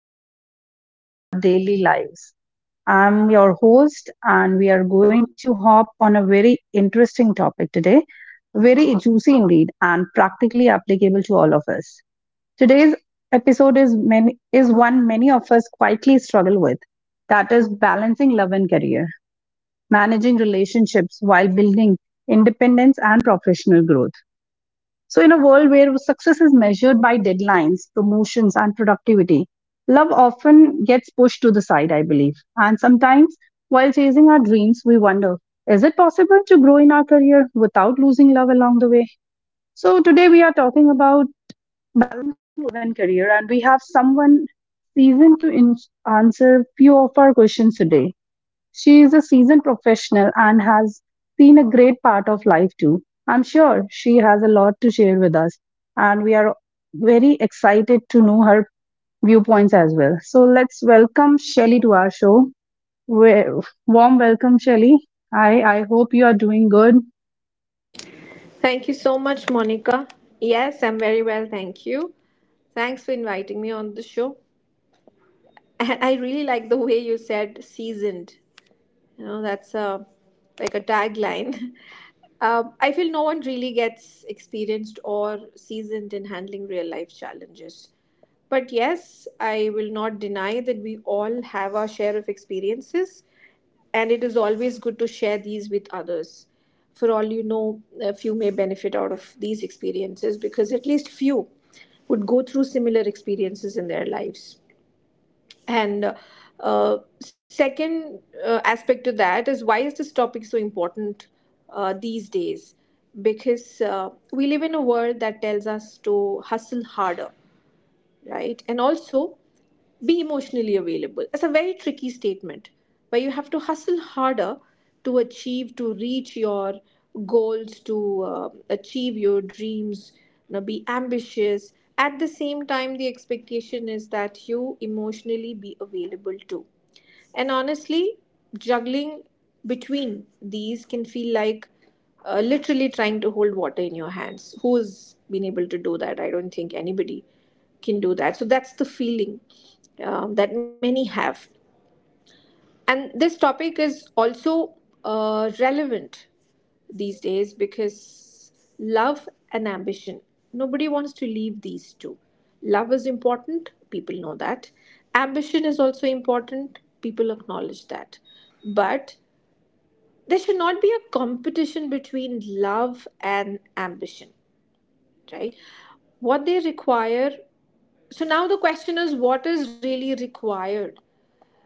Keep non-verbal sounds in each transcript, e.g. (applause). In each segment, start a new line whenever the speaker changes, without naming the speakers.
related to our daily lives. I'm your host, and we are going to hop on a very interesting topic today, very juicy indeed, and practically applicable to all of us. Today's episode is many, is one many of us quietly struggle with, that is balancing love and career, managing relationships while building independence and professional growth. So, in a world where success is measured by deadlines, promotions, and productivity, love often gets pushed to the side, I believe. And sometimes, while chasing our dreams, we wonder, is it possible to grow in our career without losing love along the way? So, today we are talking about Woven Career, and we have someone seasoned to answer few of our questions today. She is a seasoned professional and has seen a great part of life too. I'm sure she has a lot to share with us, and we are very excited to know her viewpoints as well. So let's welcome Shelly to our show. Warm welcome, Shelly. Hi, I hope you are doing good.
Thank you so much, Monica. Yes, I'm very well, thank you. Thanks for inviting me on the show. (laughs) And I really like the way you said seasoned. You know, that's a like a tagline. (laughs) I feel no one really gets experienced or seasoned in handling real life challenges. But yes, I will not deny that we all have our share of experiences, and it is always good to share these with others. For all you know, a few may benefit out of these experiences because at least few would go through similar experiences in their lives. And second aspect to that is why is this topic so important these days? Because we live in a world that tells us to hustle harder, right? And also, be emotionally available. It's a very tricky statement where you have to hustle harder to achieve, to reach your goals, to achieve your dreams, you know, be ambitious. At the same time, the expectation is that you emotionally be available too. And honestly, juggling between these can feel like literally trying to hold water in your hands. Who's been able to do that? I don't think anybody can do that. So that's the feeling that many have. And this topic is also relevant these days because love and ambition, nobody wants to leave these two. Love is important, people know that. Ambition is also important, people acknowledge that. But there should not be a competition between love and ambition, right? What they require So now the question is what is really required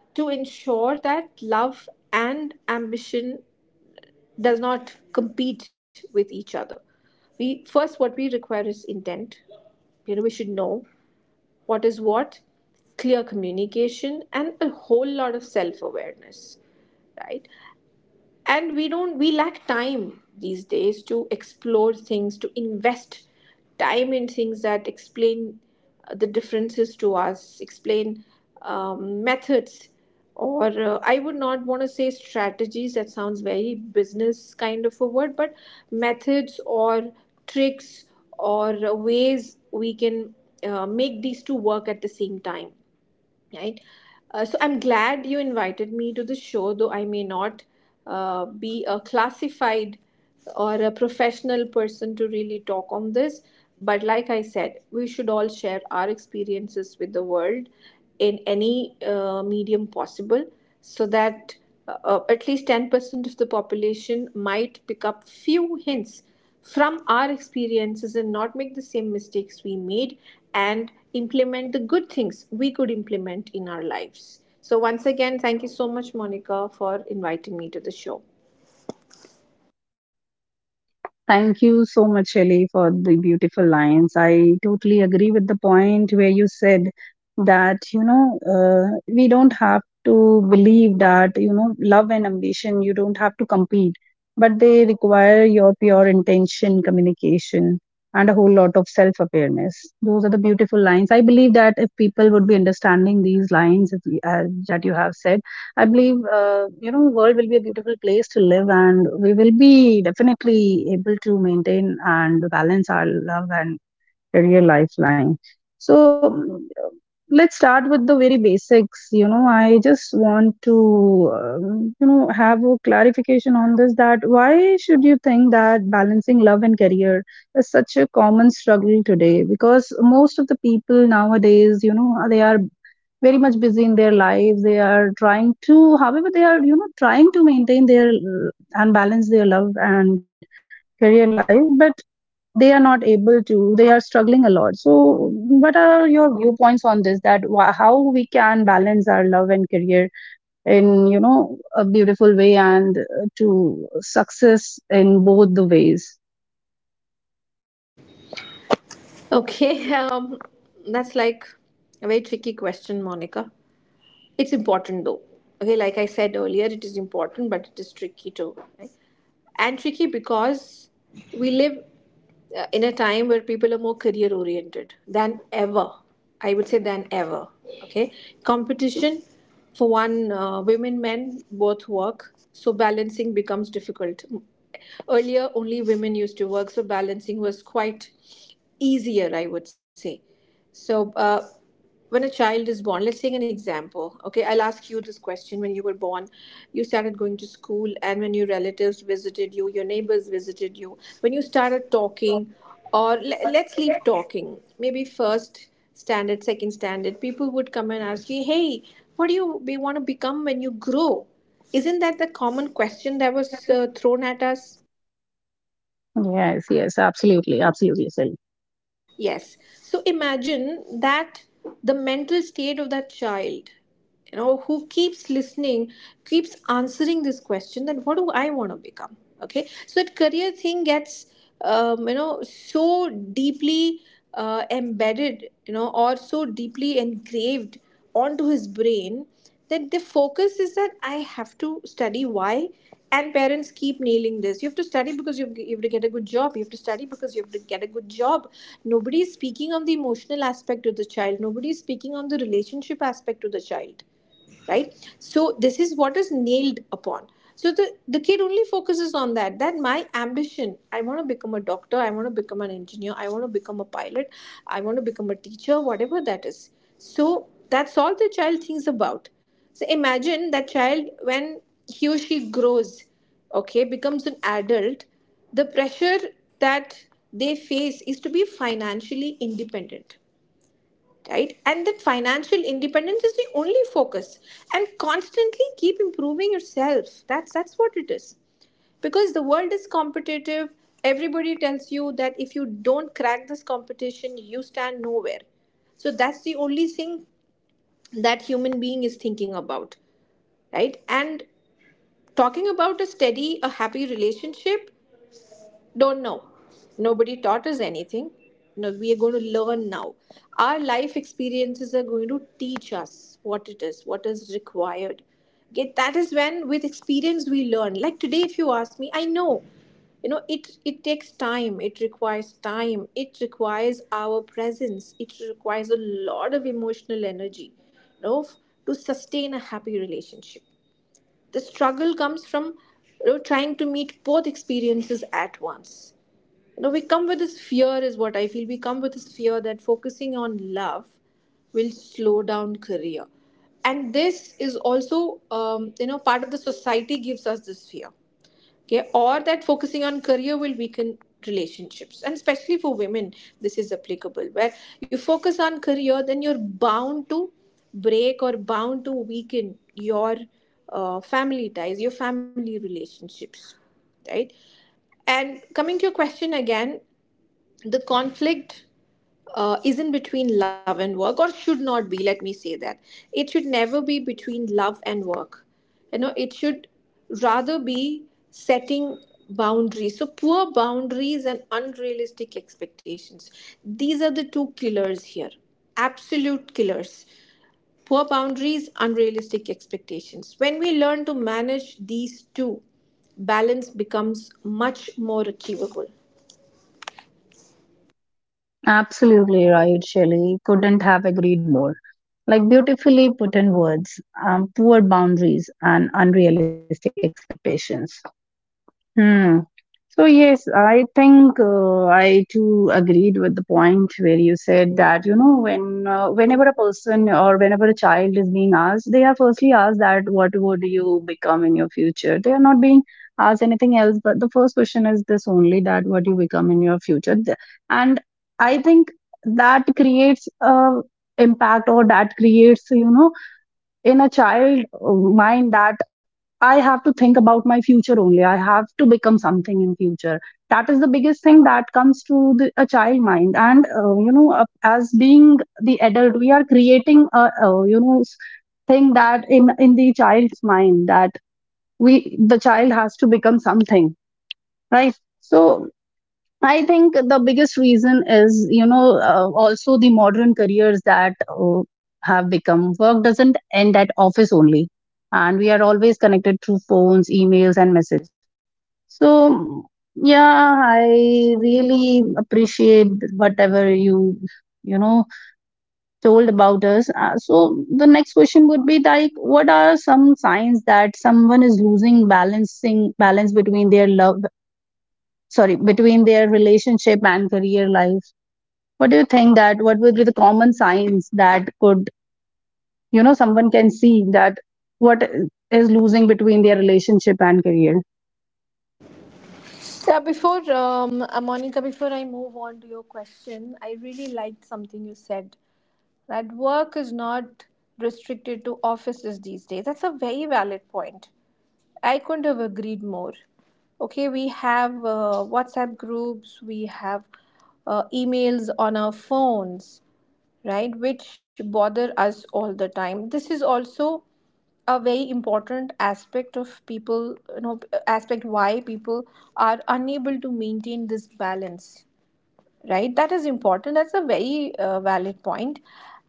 to ensure that love and ambition does not compete with each other. We first What we require is intent. You know, we should know what is what, clear communication and a whole lot of self-awareness, right? And we don't we lack time these days to explore things, to invest time in things that explain the differences to us, explain methods, or I would not want to say strategies, that sounds very business kind of a word, but methods or tricks or ways we can make these two work at the same time, right? So I'm glad you invited me to the show, though I may not be a classified or a professional person to really talk on this. But like I said, we should all share our experiences with the world in any medium possible so that at least 10% of the population might pick up few hints from our experiences and not make the same mistakes we made, and implement the good things we could implement in our lives. So, once again, thank you so much, Monica, for inviting me to the show.
Thank you so much, Shelly, for the beautiful lines. I totally agree with the point where you said that, we don't have to believe that, you know, love and ambition, you don't have to compete, but they require your pure intention, communication, and a whole lot of self awareness. Those are the beautiful lines. I believe that if people would be understanding these lines if, that you have said, I believe, you know, world will be a beautiful place to live, and we will be definitely able to maintain and balance our love and career lifeline. So let's start with the very basics. You know, I just want to, you know, have a clarification on this. That why should you think that balancing love and career is such a common struggle today? Because most of the people nowadays, you know, they are very much busy in their lives, they are trying to, however they are, you know, trying to maintain their and balance their love and career life, but they are not able to, they are struggling a lot. So what are your viewpoints on this, that how we can balance our love and career in, you know, a beautiful way and to success in both the ways?
Okay. (laughs) That's like a very tricky question, Monica. It's important though. Okay, like I said earlier, it is important, but it is tricky too. Right? And tricky because we live in a time where people are more career oriented than ever. I would say than ever. Okay, competition for one, women, men both work, so balancing becomes difficult. Earlier, only women used to work, so balancing was quite easier, I would say. So, when a child is born, let's take an example. Okay, I'll ask you this question. When you were born, you started going to school, and when your relatives visited you, your neighbors visited you, when you started talking, or let's leave talking, maybe first standard, second standard, people would come and ask you, hey, what do you be, want to become when you grow? Isn't that the common question that was thrown at us?
Yes, yes, absolutely, absolutely, Shelly.
Yes. So imagine that the mental state of that child, you know, who keeps listening, keeps answering this question, that what do I want to become? Okay. So that career thing gets, you know, so deeply embedded, you know, or so deeply engraved onto his brain, that the focus is that I have to study. Why? And parents keep nailing this. You have to study because you have to get a good job. You have to study because you have to get a good job. Nobody is speaking on the emotional aspect of the child. Nobody is speaking on the relationship aspect of the child, right? So this is what is nailed upon. So the kid only focuses on that, that my ambition, I want to become a doctor, I want to become an engineer, I want to become a pilot, I want to become a teacher, whatever that is. So that's all the child thinks about. So imagine that child when he or she grows, okay, becomes an adult. The pressure that they face is to be financially independent, right? And that financial independence is the only focus, and constantly keep improving yourself. That's what it is, because the world is competitive. Everybody tells you that if you don't crack this competition, you stand nowhere. So that's the only thing that human being is thinking about, right? And talking about a steady, a happy relationship, don't know. Nobody taught us anything. No, we are going to learn now. Our life experiences are going to teach us what it is, what is required. Okay, that is when with experience we learn. Like today, if you ask me, I know. You know, it takes time. It requires time. It requires our presence. It requires a lot of emotional energy, you know, f- to sustain a happy relationship. The struggle comes from, you know, trying to meet both experiences at once. No, we come with this fear, is what I feel. We come with this fear that focusing on love will slow down career. And this is also, you know, part of the society gives us this fear. Okay. Or that focusing on career will weaken relationships. And especially for women, this is applicable. Where you focus on career, then you're bound to break or bound to weaken your family ties, your family relationships. Right. And coming to your question again, the conflict isn't between love and work, or should not be. Let me say that it should never be between love and work. You know, it should rather be setting boundaries. So, poor boundaries and unrealistic expectations, these are the two killers here, absolute killers. Poor boundaries, unrealistic expectations. When we learn to manage these two, balance becomes much more achievable.
Absolutely right, Shelley, couldn't have agreed more. Like beautifully put in words, poor boundaries and unrealistic expectations. Hmm. So yes, I think I too agreed with the point where you said that, you know, when whenever a person or whenever a child is being asked, they are firstly asked that what would you become in your future. They are not being asked anything else, but the first question is this only, that what you become in your future. And I think that creates a impact, or that creates, you know, in a child mind, that I have to think about my future only, I have to become something in future. That is the biggest thing that comes to the, a child mind, and you know, as being the adult, we are creating a, you know, thing that, in the child's mind, that we the child has to become something, right? So I think the biggest reason is, you know, also the modern careers that have become, work doesn't end at office only. And we are always connected through phones, emails, and messages. So, yeah, I really appreciate whatever you, you know, told about us. So, the next question would be like, what are some signs that someone is losing balancing balance between their love, sorry, between their relationship and career life? What do you think that what would be the common signs that could, you know, someone can see that what is losing between their relationship and career?
Yeah, before Monica, before I move on to your question, I really liked something you said, that work is not restricted to offices these days. That's a very valid point. I couldn't have agreed more. Okay, we have WhatsApp groups, we have emails on our phones, right, which bother us all the time. This is also a very important aspect of people, you know, aspect why people are unable to maintain this balance, right? That is important. That's a very valid point.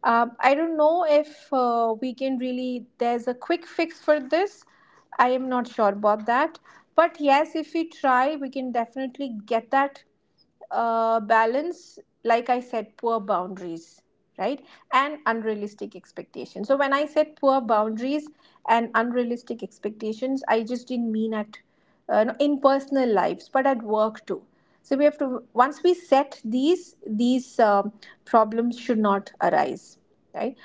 I don't know if we can really, there's a quick fix for this. I am not sure about that. But yes, if we try, we can definitely get that balance. Like I said, poor boundaries, right? And unrealistic expectations. So, when I said poor boundaries and unrealistic expectations, I just didn't mean at no, in personal lives, but at work too. So we have to once we set these problems should not arise, right?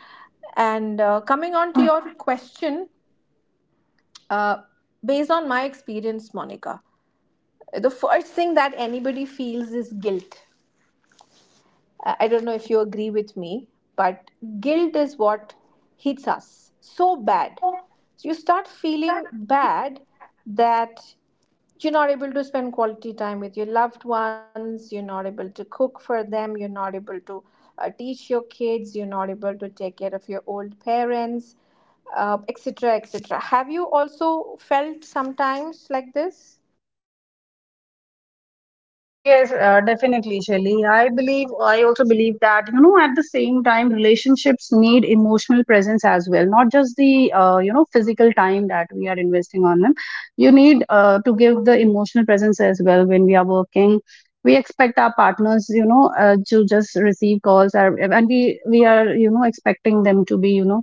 And coming on to your question, uh, based on my experience, Monica, the first thing that anybody feels is guilt. I don't know if you agree with me, but guilt is what hits us so bad. So you start feeling bad that you're not able to spend quality time with your loved ones, you're not able to cook for them, you're not able to teach your kids, you're not able to take care of your old parents, etc. etc. Have you also felt sometimes like this?
Yes, definitely, Shelly. I believe, I also believe that, you know, at the same time, relationships need emotional presence as well, not just the, you know, physical time that we are investing on them. You need to give the emotional presence as well when we are working. We expect our partners, you know, to just receive calls, or, and we are, you know, expecting them to be, you know,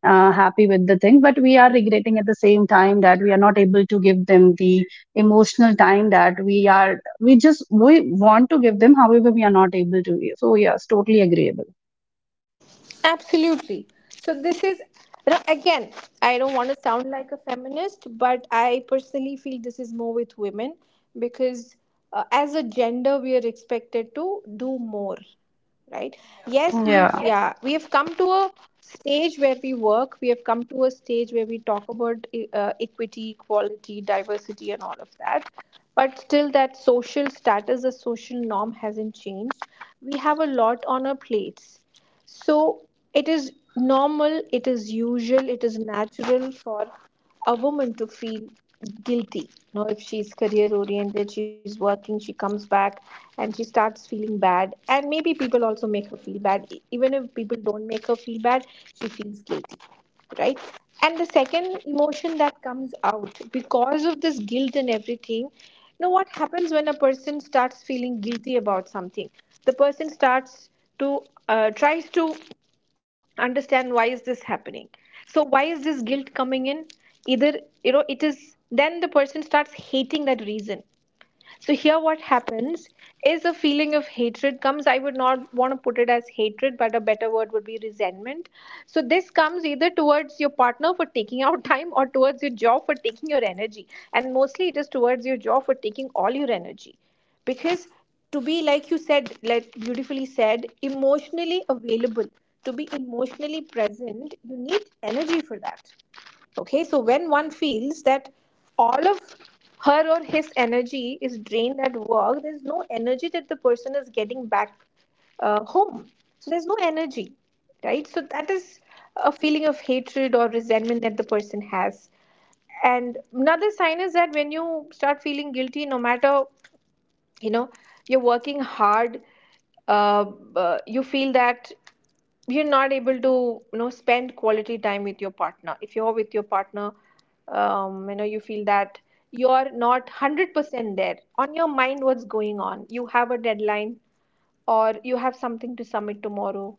happy with the thing, but we are regretting at the same time that we are not able to give them the emotional time that we just we want to give them, however we are not able to. So yes, totally agreeable.
Absolutely. So this is, now again, I don't want to sound like a feminist, but I personally feel this is more with women, because as a gender we are expected to do more, right? Yes,
Yeah.
we've, yeah, we have come to a stage where we work, we have come to a stage where we talk about equity, equality, diversity and all of that. But still that social status, the social norm hasn't changed. We have a lot on our plates. So it is normal, it is usual, it is natural for a woman to feel guilty. Now, if she's career oriented, she's working, she comes back and she starts feeling bad. And maybe people also make her feel bad. E- Even if people don't make her feel bad, she feels guilty, right? And the second emotion that comes out because of this guilt and everything, now what happens when a person starts feeling guilty about something? The person starts to tries to understand why is this happening. So why is this guilt coming in? Either, it is then the person starts hating that reason. So here what happens is a feeling of hatred comes. I would not want to put it as hatred, but a better word would be resentment. So this comes either towards your partner for taking out (laughs) time or towards your job for taking your energy. And mostly it is towards your job for taking all your energy. Because to be, like you said, like beautifully said, emotionally available, to be emotionally present, you need energy for that. Okay, so when one feels that all of her or his energy is drained at work, there's no energy that the person is getting back home. So there's no energy, right? So that is a feeling of hatred or resentment that the person has. And another sign is that when you start feeling guilty, no matter, you know, you're working hard, uh, you feel that you're not able to, spend quality time with your partner, if you're with your partner. You know, you feel that you're not 100% there. On your mind, what's going on, you have a deadline or you have something to submit tomorrow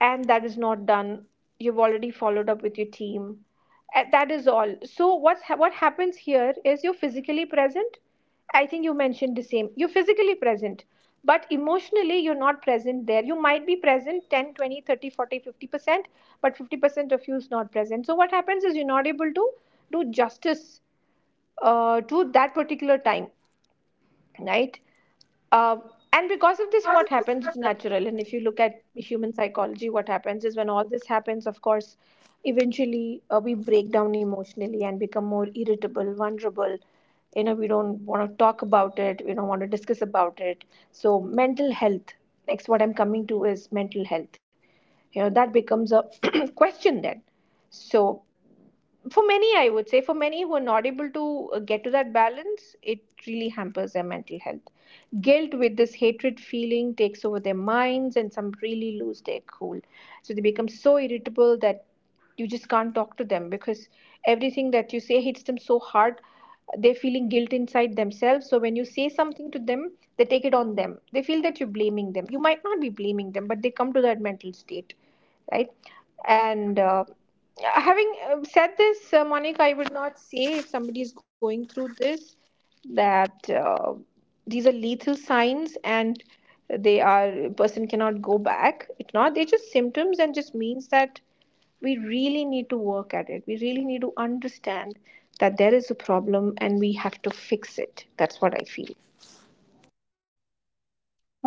and that is not done. You've already followed up with your team. That is all. So what happens here is you're physically present, I think you mentioned the same, you're physically present but emotionally you're not present there. You might be present 10, 20, 30, 40, 50%, but 50% of you is not present. So what happens is you're not able to do justice to that particular time, right? um, and because of this, what happens is natural. And if you look at human psychology, what happens is when all this happens, of course, eventually we break down emotionally and become more irritable, vulnerable. You know, we don't want to talk about it, we don't want to discuss about it. So, mental health, next, what I'm coming to is mental health. You know, that becomes a (clears throat) question then. So, for many, I would say, for many who are not able to get to that balance, it really hampers their mental health. Guilt with this hatred feeling takes over their minds and some really lose their cool. So they become so irritable that you just can't talk to them because everything that you say hits them so hard. They're feeling guilt inside themselves, so when you say something to them, they take it on them. They feel that you're blaming them. You might not be blaming them, but they come to that mental state, right? And having said this, Monica, I would not say, if somebody is going through this, that these are lethal signs and they are person cannot go back. It's not. They're just symptoms and just means that we really need to work at it. We really need to understand that there is a problem and we have to fix it. That's what I feel.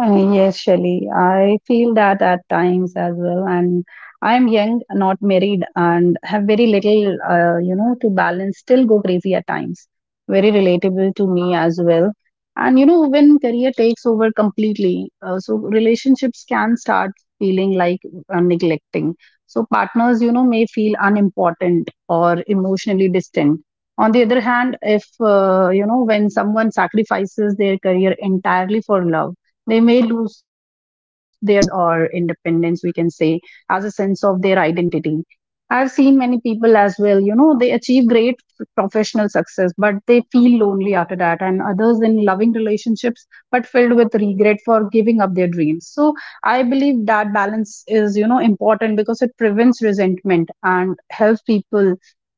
Yes, Shelly. I feel that at times as well. And I'm young, not married, and have very little, you know, to balance, still go crazy at times. Very relatable to me as well. And, you know, when career takes over completely, so relationships can start feeling like neglecting. So partners, you know, may feel unimportant or emotionally distant. On the other hand, if, you know, when someone sacrifices their career entirely for love, they may lose their confidence or independence, we can say, as a sense of their identity. I've seen many people as well, you know, they achieve great professional success, but they feel lonely after that, and others in loving relationships, but filled with regret for giving up their dreams. So I believe that balance is, you know, important because it prevents resentment and helps people,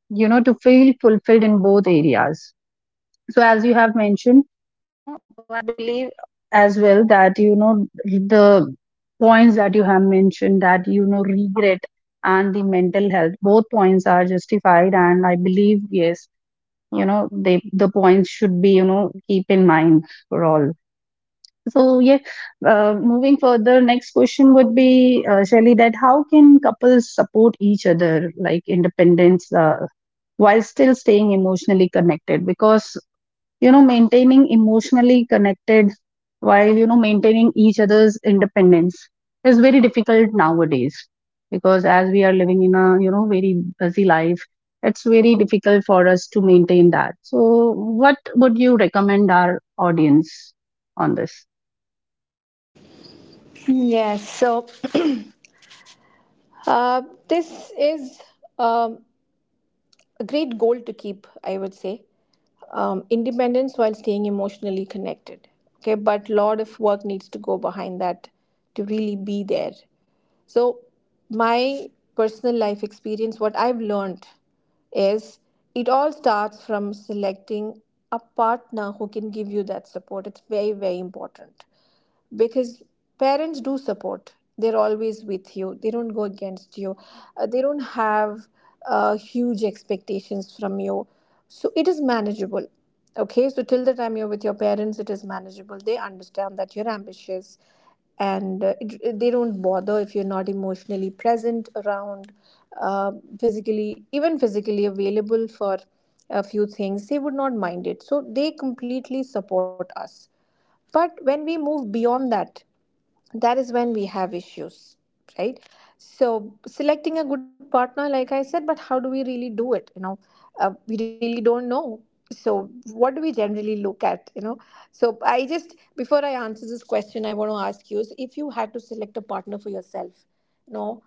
you know, to feel fulfilled in both areas. So, as you have mentioned, I believe as well that, you know, the points that you have mentioned, that you know regret and the mental health, both points are justified, and I believe yes, you know, they the points should be, you know, keep in mind for all. So yeah, moving further, next question would be, Shelly, that how can couples support each other like independence while still staying emotionally connected? Because, you know, maintaining emotionally connected while, you know, maintaining each other's independence is very difficult nowadays, because as we are living in a, you know, very busy life, it's very difficult for us to maintain that. So what would you recommend our audience on this?
Yes. So uh, this is. Um a great goal to keep, I would say. Independence while staying emotionally connected. Okay, but lot of work needs to go behind that to really be there. So, my personal life experience, what I've learned is it all starts from selecting a partner who can give you that support. It's very, very important, because parents do support, they're always with you, they don't go against you. They don't have huge expectations from you, so it is manageable. Okay, so till the time you're with your parents, it is manageable. They understand that you're ambitious and they don't bother if you're not emotionally present around, uh, physically, even physically available for a few things, they would not mind it. So they completely support us. But when we move beyond that, that is when we have issues, right? So selecting a good partner, like I said, but how do we really do it, you know? We really don't know. So what do we generally look at, you know? So I just before I answer this question, I want to ask you, so if you had to select a partner for yourself, you know,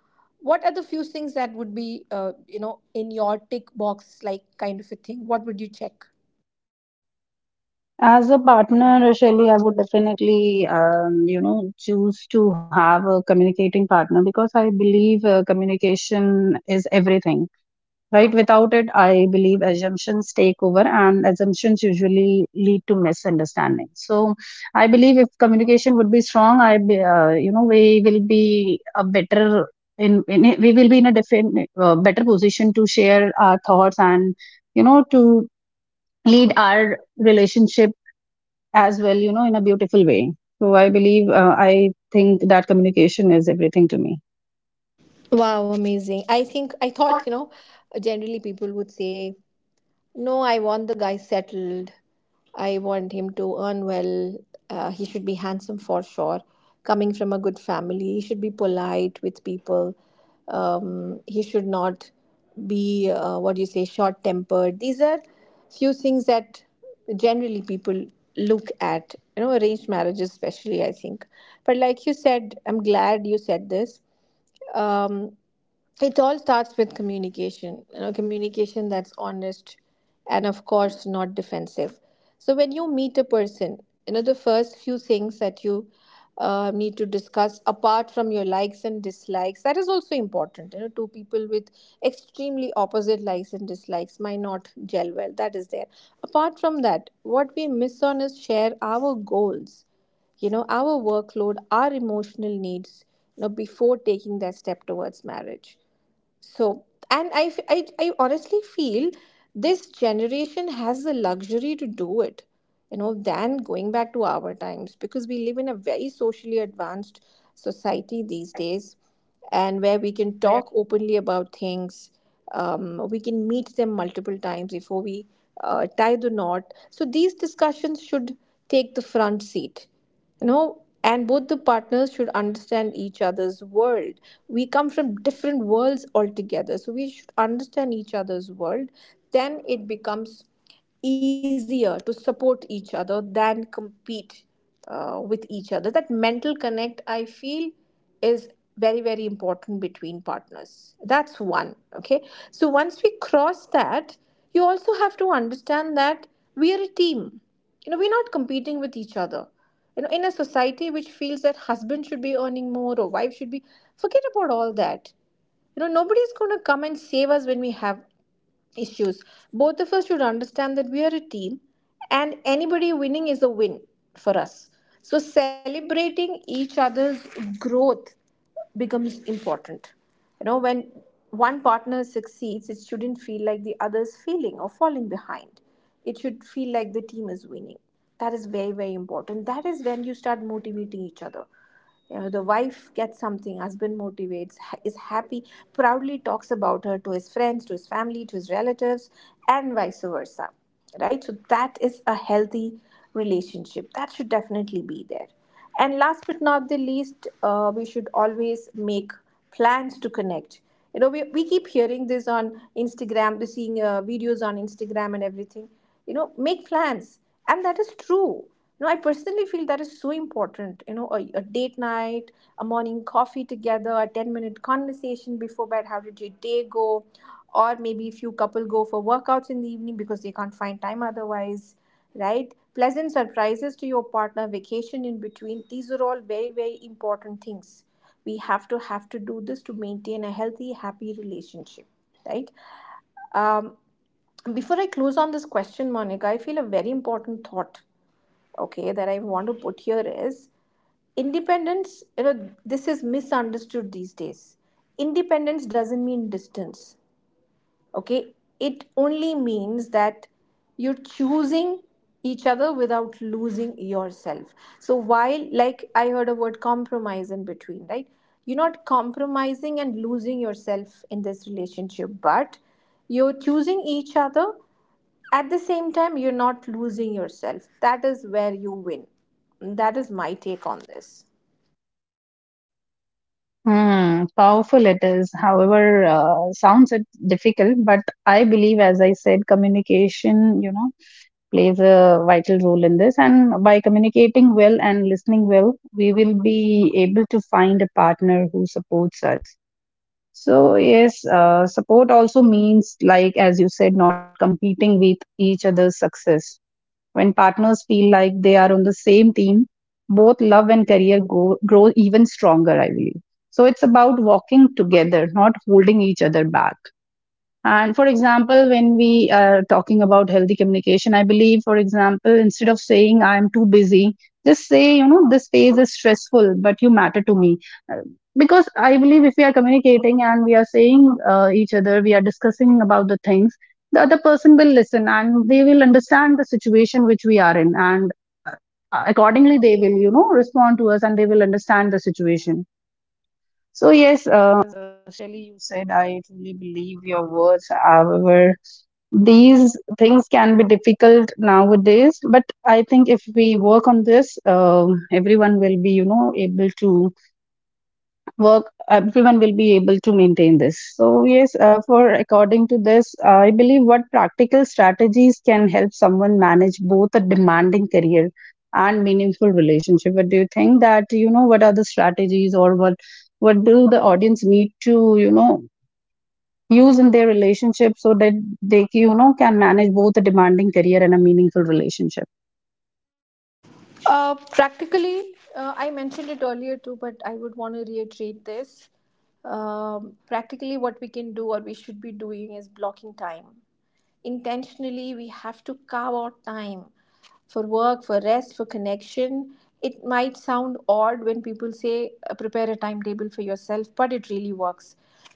what are the few things that would be, you know, in your tick box, like kind of a thing, what would you check?
As a partner, Shelly, I would definitely, you know, choose to have a communicating partner, because I believe communication is everything. Right, without it I believe assumptions take over, and assumptions usually lead to misunderstanding. So I believe if communication would be strong, you know, we will be a better we will be in a different better position to share our thoughts and, you know, to lead our relationship as well, you know, in a beautiful way. So I believe I think that communication is everything to me.
Wow, amazing. I think I thought, you know, generally people would say, no, I want the guy settled. I want him to earn well. He should be handsome for sure. Coming from a good family, he should be polite with people. He should not be, what do you say, short tempered. These are few things that generally people look at, you know, arranged marriages, especially, I think. But like you said, I'm glad you said this. Um, it all starts with communication, you know, communication that's honest and of course not defensive. So when you meet a person, you know, the first few things that you need to discuss, apart from your likes and dislikes, that is also important, you know, two people with extremely opposite likes and dislikes might not gel well, that is there. Apart from that, what we miss on is share our goals, you know, our workload, our emotional needs, you know, before taking that step towards marriage. So, and I honestly feel this generation has the luxury to do it, you know, than going back to our times, because we live in a very socially advanced society these days, and where we can talk openly about things. We can meet them multiple times before we tie the knot. So, these discussions should take the front seat, you know, and both the partners should understand each other's world. We come from different worlds altogether, so we should understand each other's world. Then it becomes easier to support each other than compete with each other. That mental connect, I feel, is very, very important between partners. That's one, okay? So once we cross that, you also have to understand that we are a team, you know, we're not competing with each other. You know, in a society which feels that husband should be earning more or wife should be, forget about all that. You know, nobody's going to come and save us when we have issues. Both of us should understand that we are a team, and anybody winning is a win for us. So celebrating each other's growth becomes important. You know, when one partner succeeds, it shouldn't feel like the other's failing or falling behind. It should feel like the team is winning. That is very, very important. That is when you start motivating each other. You know, the wife gets something, husband motivates, is happy, proudly talks about her to his friends, to his family, to his relatives, and vice versa, right? So that is a healthy relationship that should definitely be there. And last but not the least, we should always make plans to connect. You know, we keep hearing this on Instagram. We're seeing videos on Instagram and everything, you know, make plans. And that is true. No, I personally feel that is so important. You know, a date night, a morning coffee together, a 10-minute minute conversation before bed. How did your day go? Or maybe if you couple go for workouts in the evening because they can't find time otherwise, right? Pleasant surprises to your partner, vacation in between. These are all very, very important things. We have to, have to do this to maintain a healthy, happy relationship, right? Um, Before I close on this question, Monica, I feel a very important thought, okay, that I want to put here is independence, you know, this is misunderstood these days. Independence doesn't mean distance, okay? It only means that you're choosing each other without losing yourself. So while, like I heard a word compromise in between, right, you're not compromising and losing yourself in this relationship, but you're choosing each other. At the same time, you're not losing yourself. That is where you win. That is my take on this.
Hmm, powerful it is. However, sounds it difficult, but I believe, as I said, communication, you know, plays a vital role in this. And by communicating well and listening well, we will be able to find a partner who supports us. So yes, support also means, like as you said, not competing with each other's success. When partners feel like they are on the same team, both love and career grow even stronger, I believe. So it's about walking together, not holding each other back. And for example, when we are talking about healthy communication, I believe, for example, instead of saying I am too busy, just say, you know, this phase is stressful, but you matter to me. Uh, Because I believe if we are communicating and we are saying each other, we are discussing about the things, the other person will listen and they will understand the situation which we are in. And uh, accordingly, they will, you know, respond to us and they will understand the situation. So, yes. Actually, you said I truly believe your words. However, these things can be difficult nowadays, but I think if we work on this, everyone will be, you know, able to work everyone will be able to maintain this. So yes, for according to this I believe, what practical strategies can help someone manage both a demanding career and meaningful relationship? But do you think that, you know, what are the strategies, or what do the audience need to, you know, use in their relationship so that they, you know, can manage both a demanding career and a meaningful relationship?
Practically, I mentioned it earlier too, but I would want to reiterate this. Practically, what we can do or we should be doing is blocking time. Intentionally, we have to carve out time for work, for rest, for connection. It might sound odd when people say, prepare a timetable for yourself, but it really works.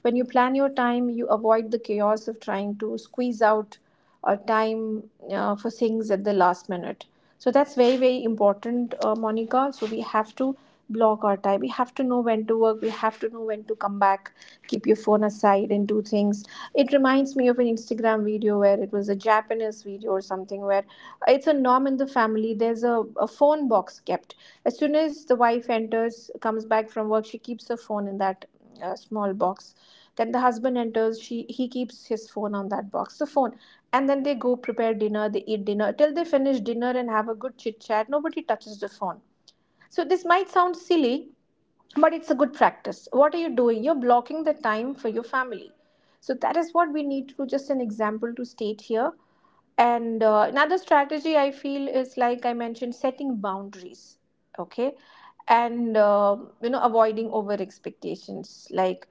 When you plan your time, you avoid the chaos of trying to squeeze out or time for things at the last minute. So that's very, very important, Monica. So we have to block our time. We have to know when to work. We have to know when to come back. Keep your phone aside and do things. It reminds me of an Instagram video where it was a Japanese video or something, where it's a norm in the family. There's a phone box kept. As soon as the wife enters, comes back from work, she keeps her phone in that small box. Then the husband enters, she he keeps his phone on that box. The phone, and then they go prepare dinner, they eat dinner, till they finish dinner and have a good chit chat, nobody touches the phone. So this might sound silly, but it's a good practice. What are you doing? You're blocking the time for your family. So that is what we need to do, just an example to state here. And another strategy I feel, is, like I mentioned, setting boundaries, okay, and you know, avoiding over expectations, like,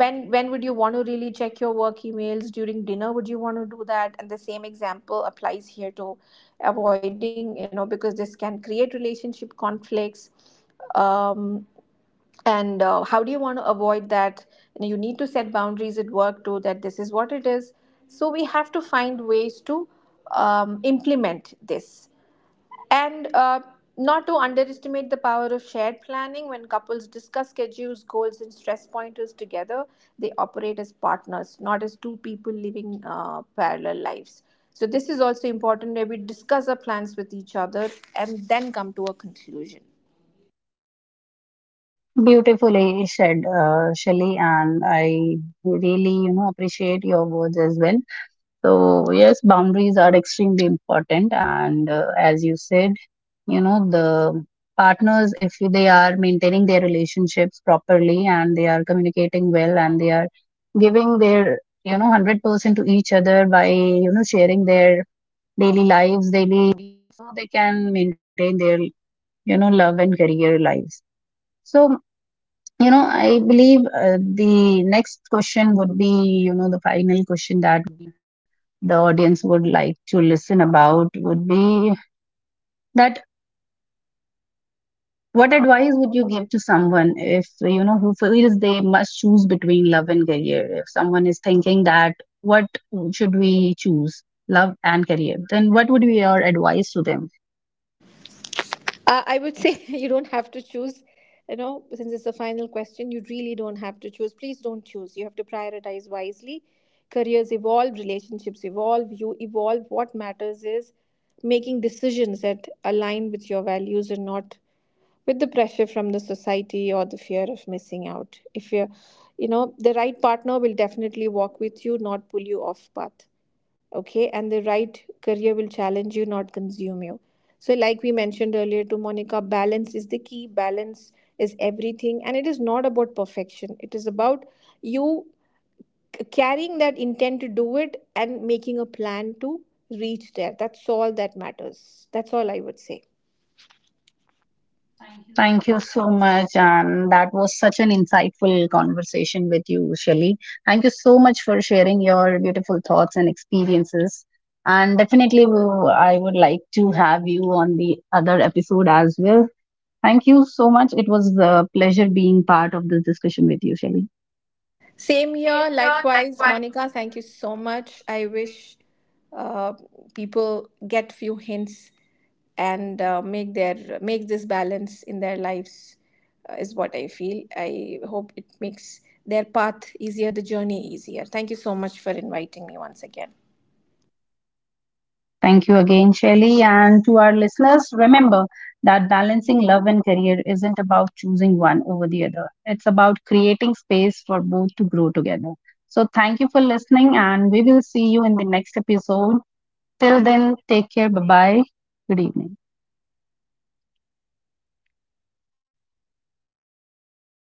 when would you want to really check your work emails during dinner? Would you want to do that? And the same example applies here to avoiding, you know, because this can create relationship conflicts. um, and how do you want to avoid that? You know, you need to set boundaries at work too, that this is what it is. So we have to find ways to implement this. And not to underestimate the power of shared planning, when couples discuss schedules, goals, and stress pointers together, they operate as partners, not as two people living parallel lives. So, this is also important, where we discuss our plans with each other and then come to a conclusion.
Beautifully said, Shelly, and I really, you know, appreciate your words as well. So yes, boundaries are extremely important, and as you said, you know, the partners, if they are maintaining their relationships properly and they are communicating well and they are giving their, you know, 100% to each other by, you know, sharing their daily lives, daily, so they can maintain their, you know, love and career lives. So, you know, I believe the next question would be, you know, the final question that the audience would like to listen about, would be that, what advice would you give to someone if, you know, who feels they must choose between love and career? If someone is thinking that what should we choose, love and career, then what would be your advice to them?
I would say (laughs) you don't have to choose. You know, since it's the final question, you really don't have to choose. Please don't choose. You have to prioritize wisely. Careers evolve, relationships evolve, you evolve. What matters is making decisions that align with your values and not with the pressure from the society or the fear of missing out. If you're, you know, the right partner will definitely walk with you, not pull you off path, okay? And the right career will challenge you, not consume you. So, like we mentioned earlier to Monica, balance is the key. Balance is everything, and it is not about perfection, it is about you carrying that intent to do it and making a plan to reach there. That's all that matters. That's all I would say.
Thank you so much. And that was such an insightful conversation with you, Shelly. Thank you so much for sharing your beautiful thoughts and experiences. And definitely, I would like to have you on the other episode as well. Thank you so much. It was a pleasure being part of this discussion with you, Shelly.
Same here. Likewise, Monica, thank you so much. I wish uh, people get few hints and make their, make this balance in their lives, is what I feel. I hope it makes their path easier, the journey easier. Thank you so much for inviting me once again.
Thank you again, Shelly. And to our listeners, remember that balancing love and career isn't about choosing one over the other. It's about creating space for both to grow together. So thank you for listening, and we will see you in the next episode. Till then, take care. Bye bye. Good evening.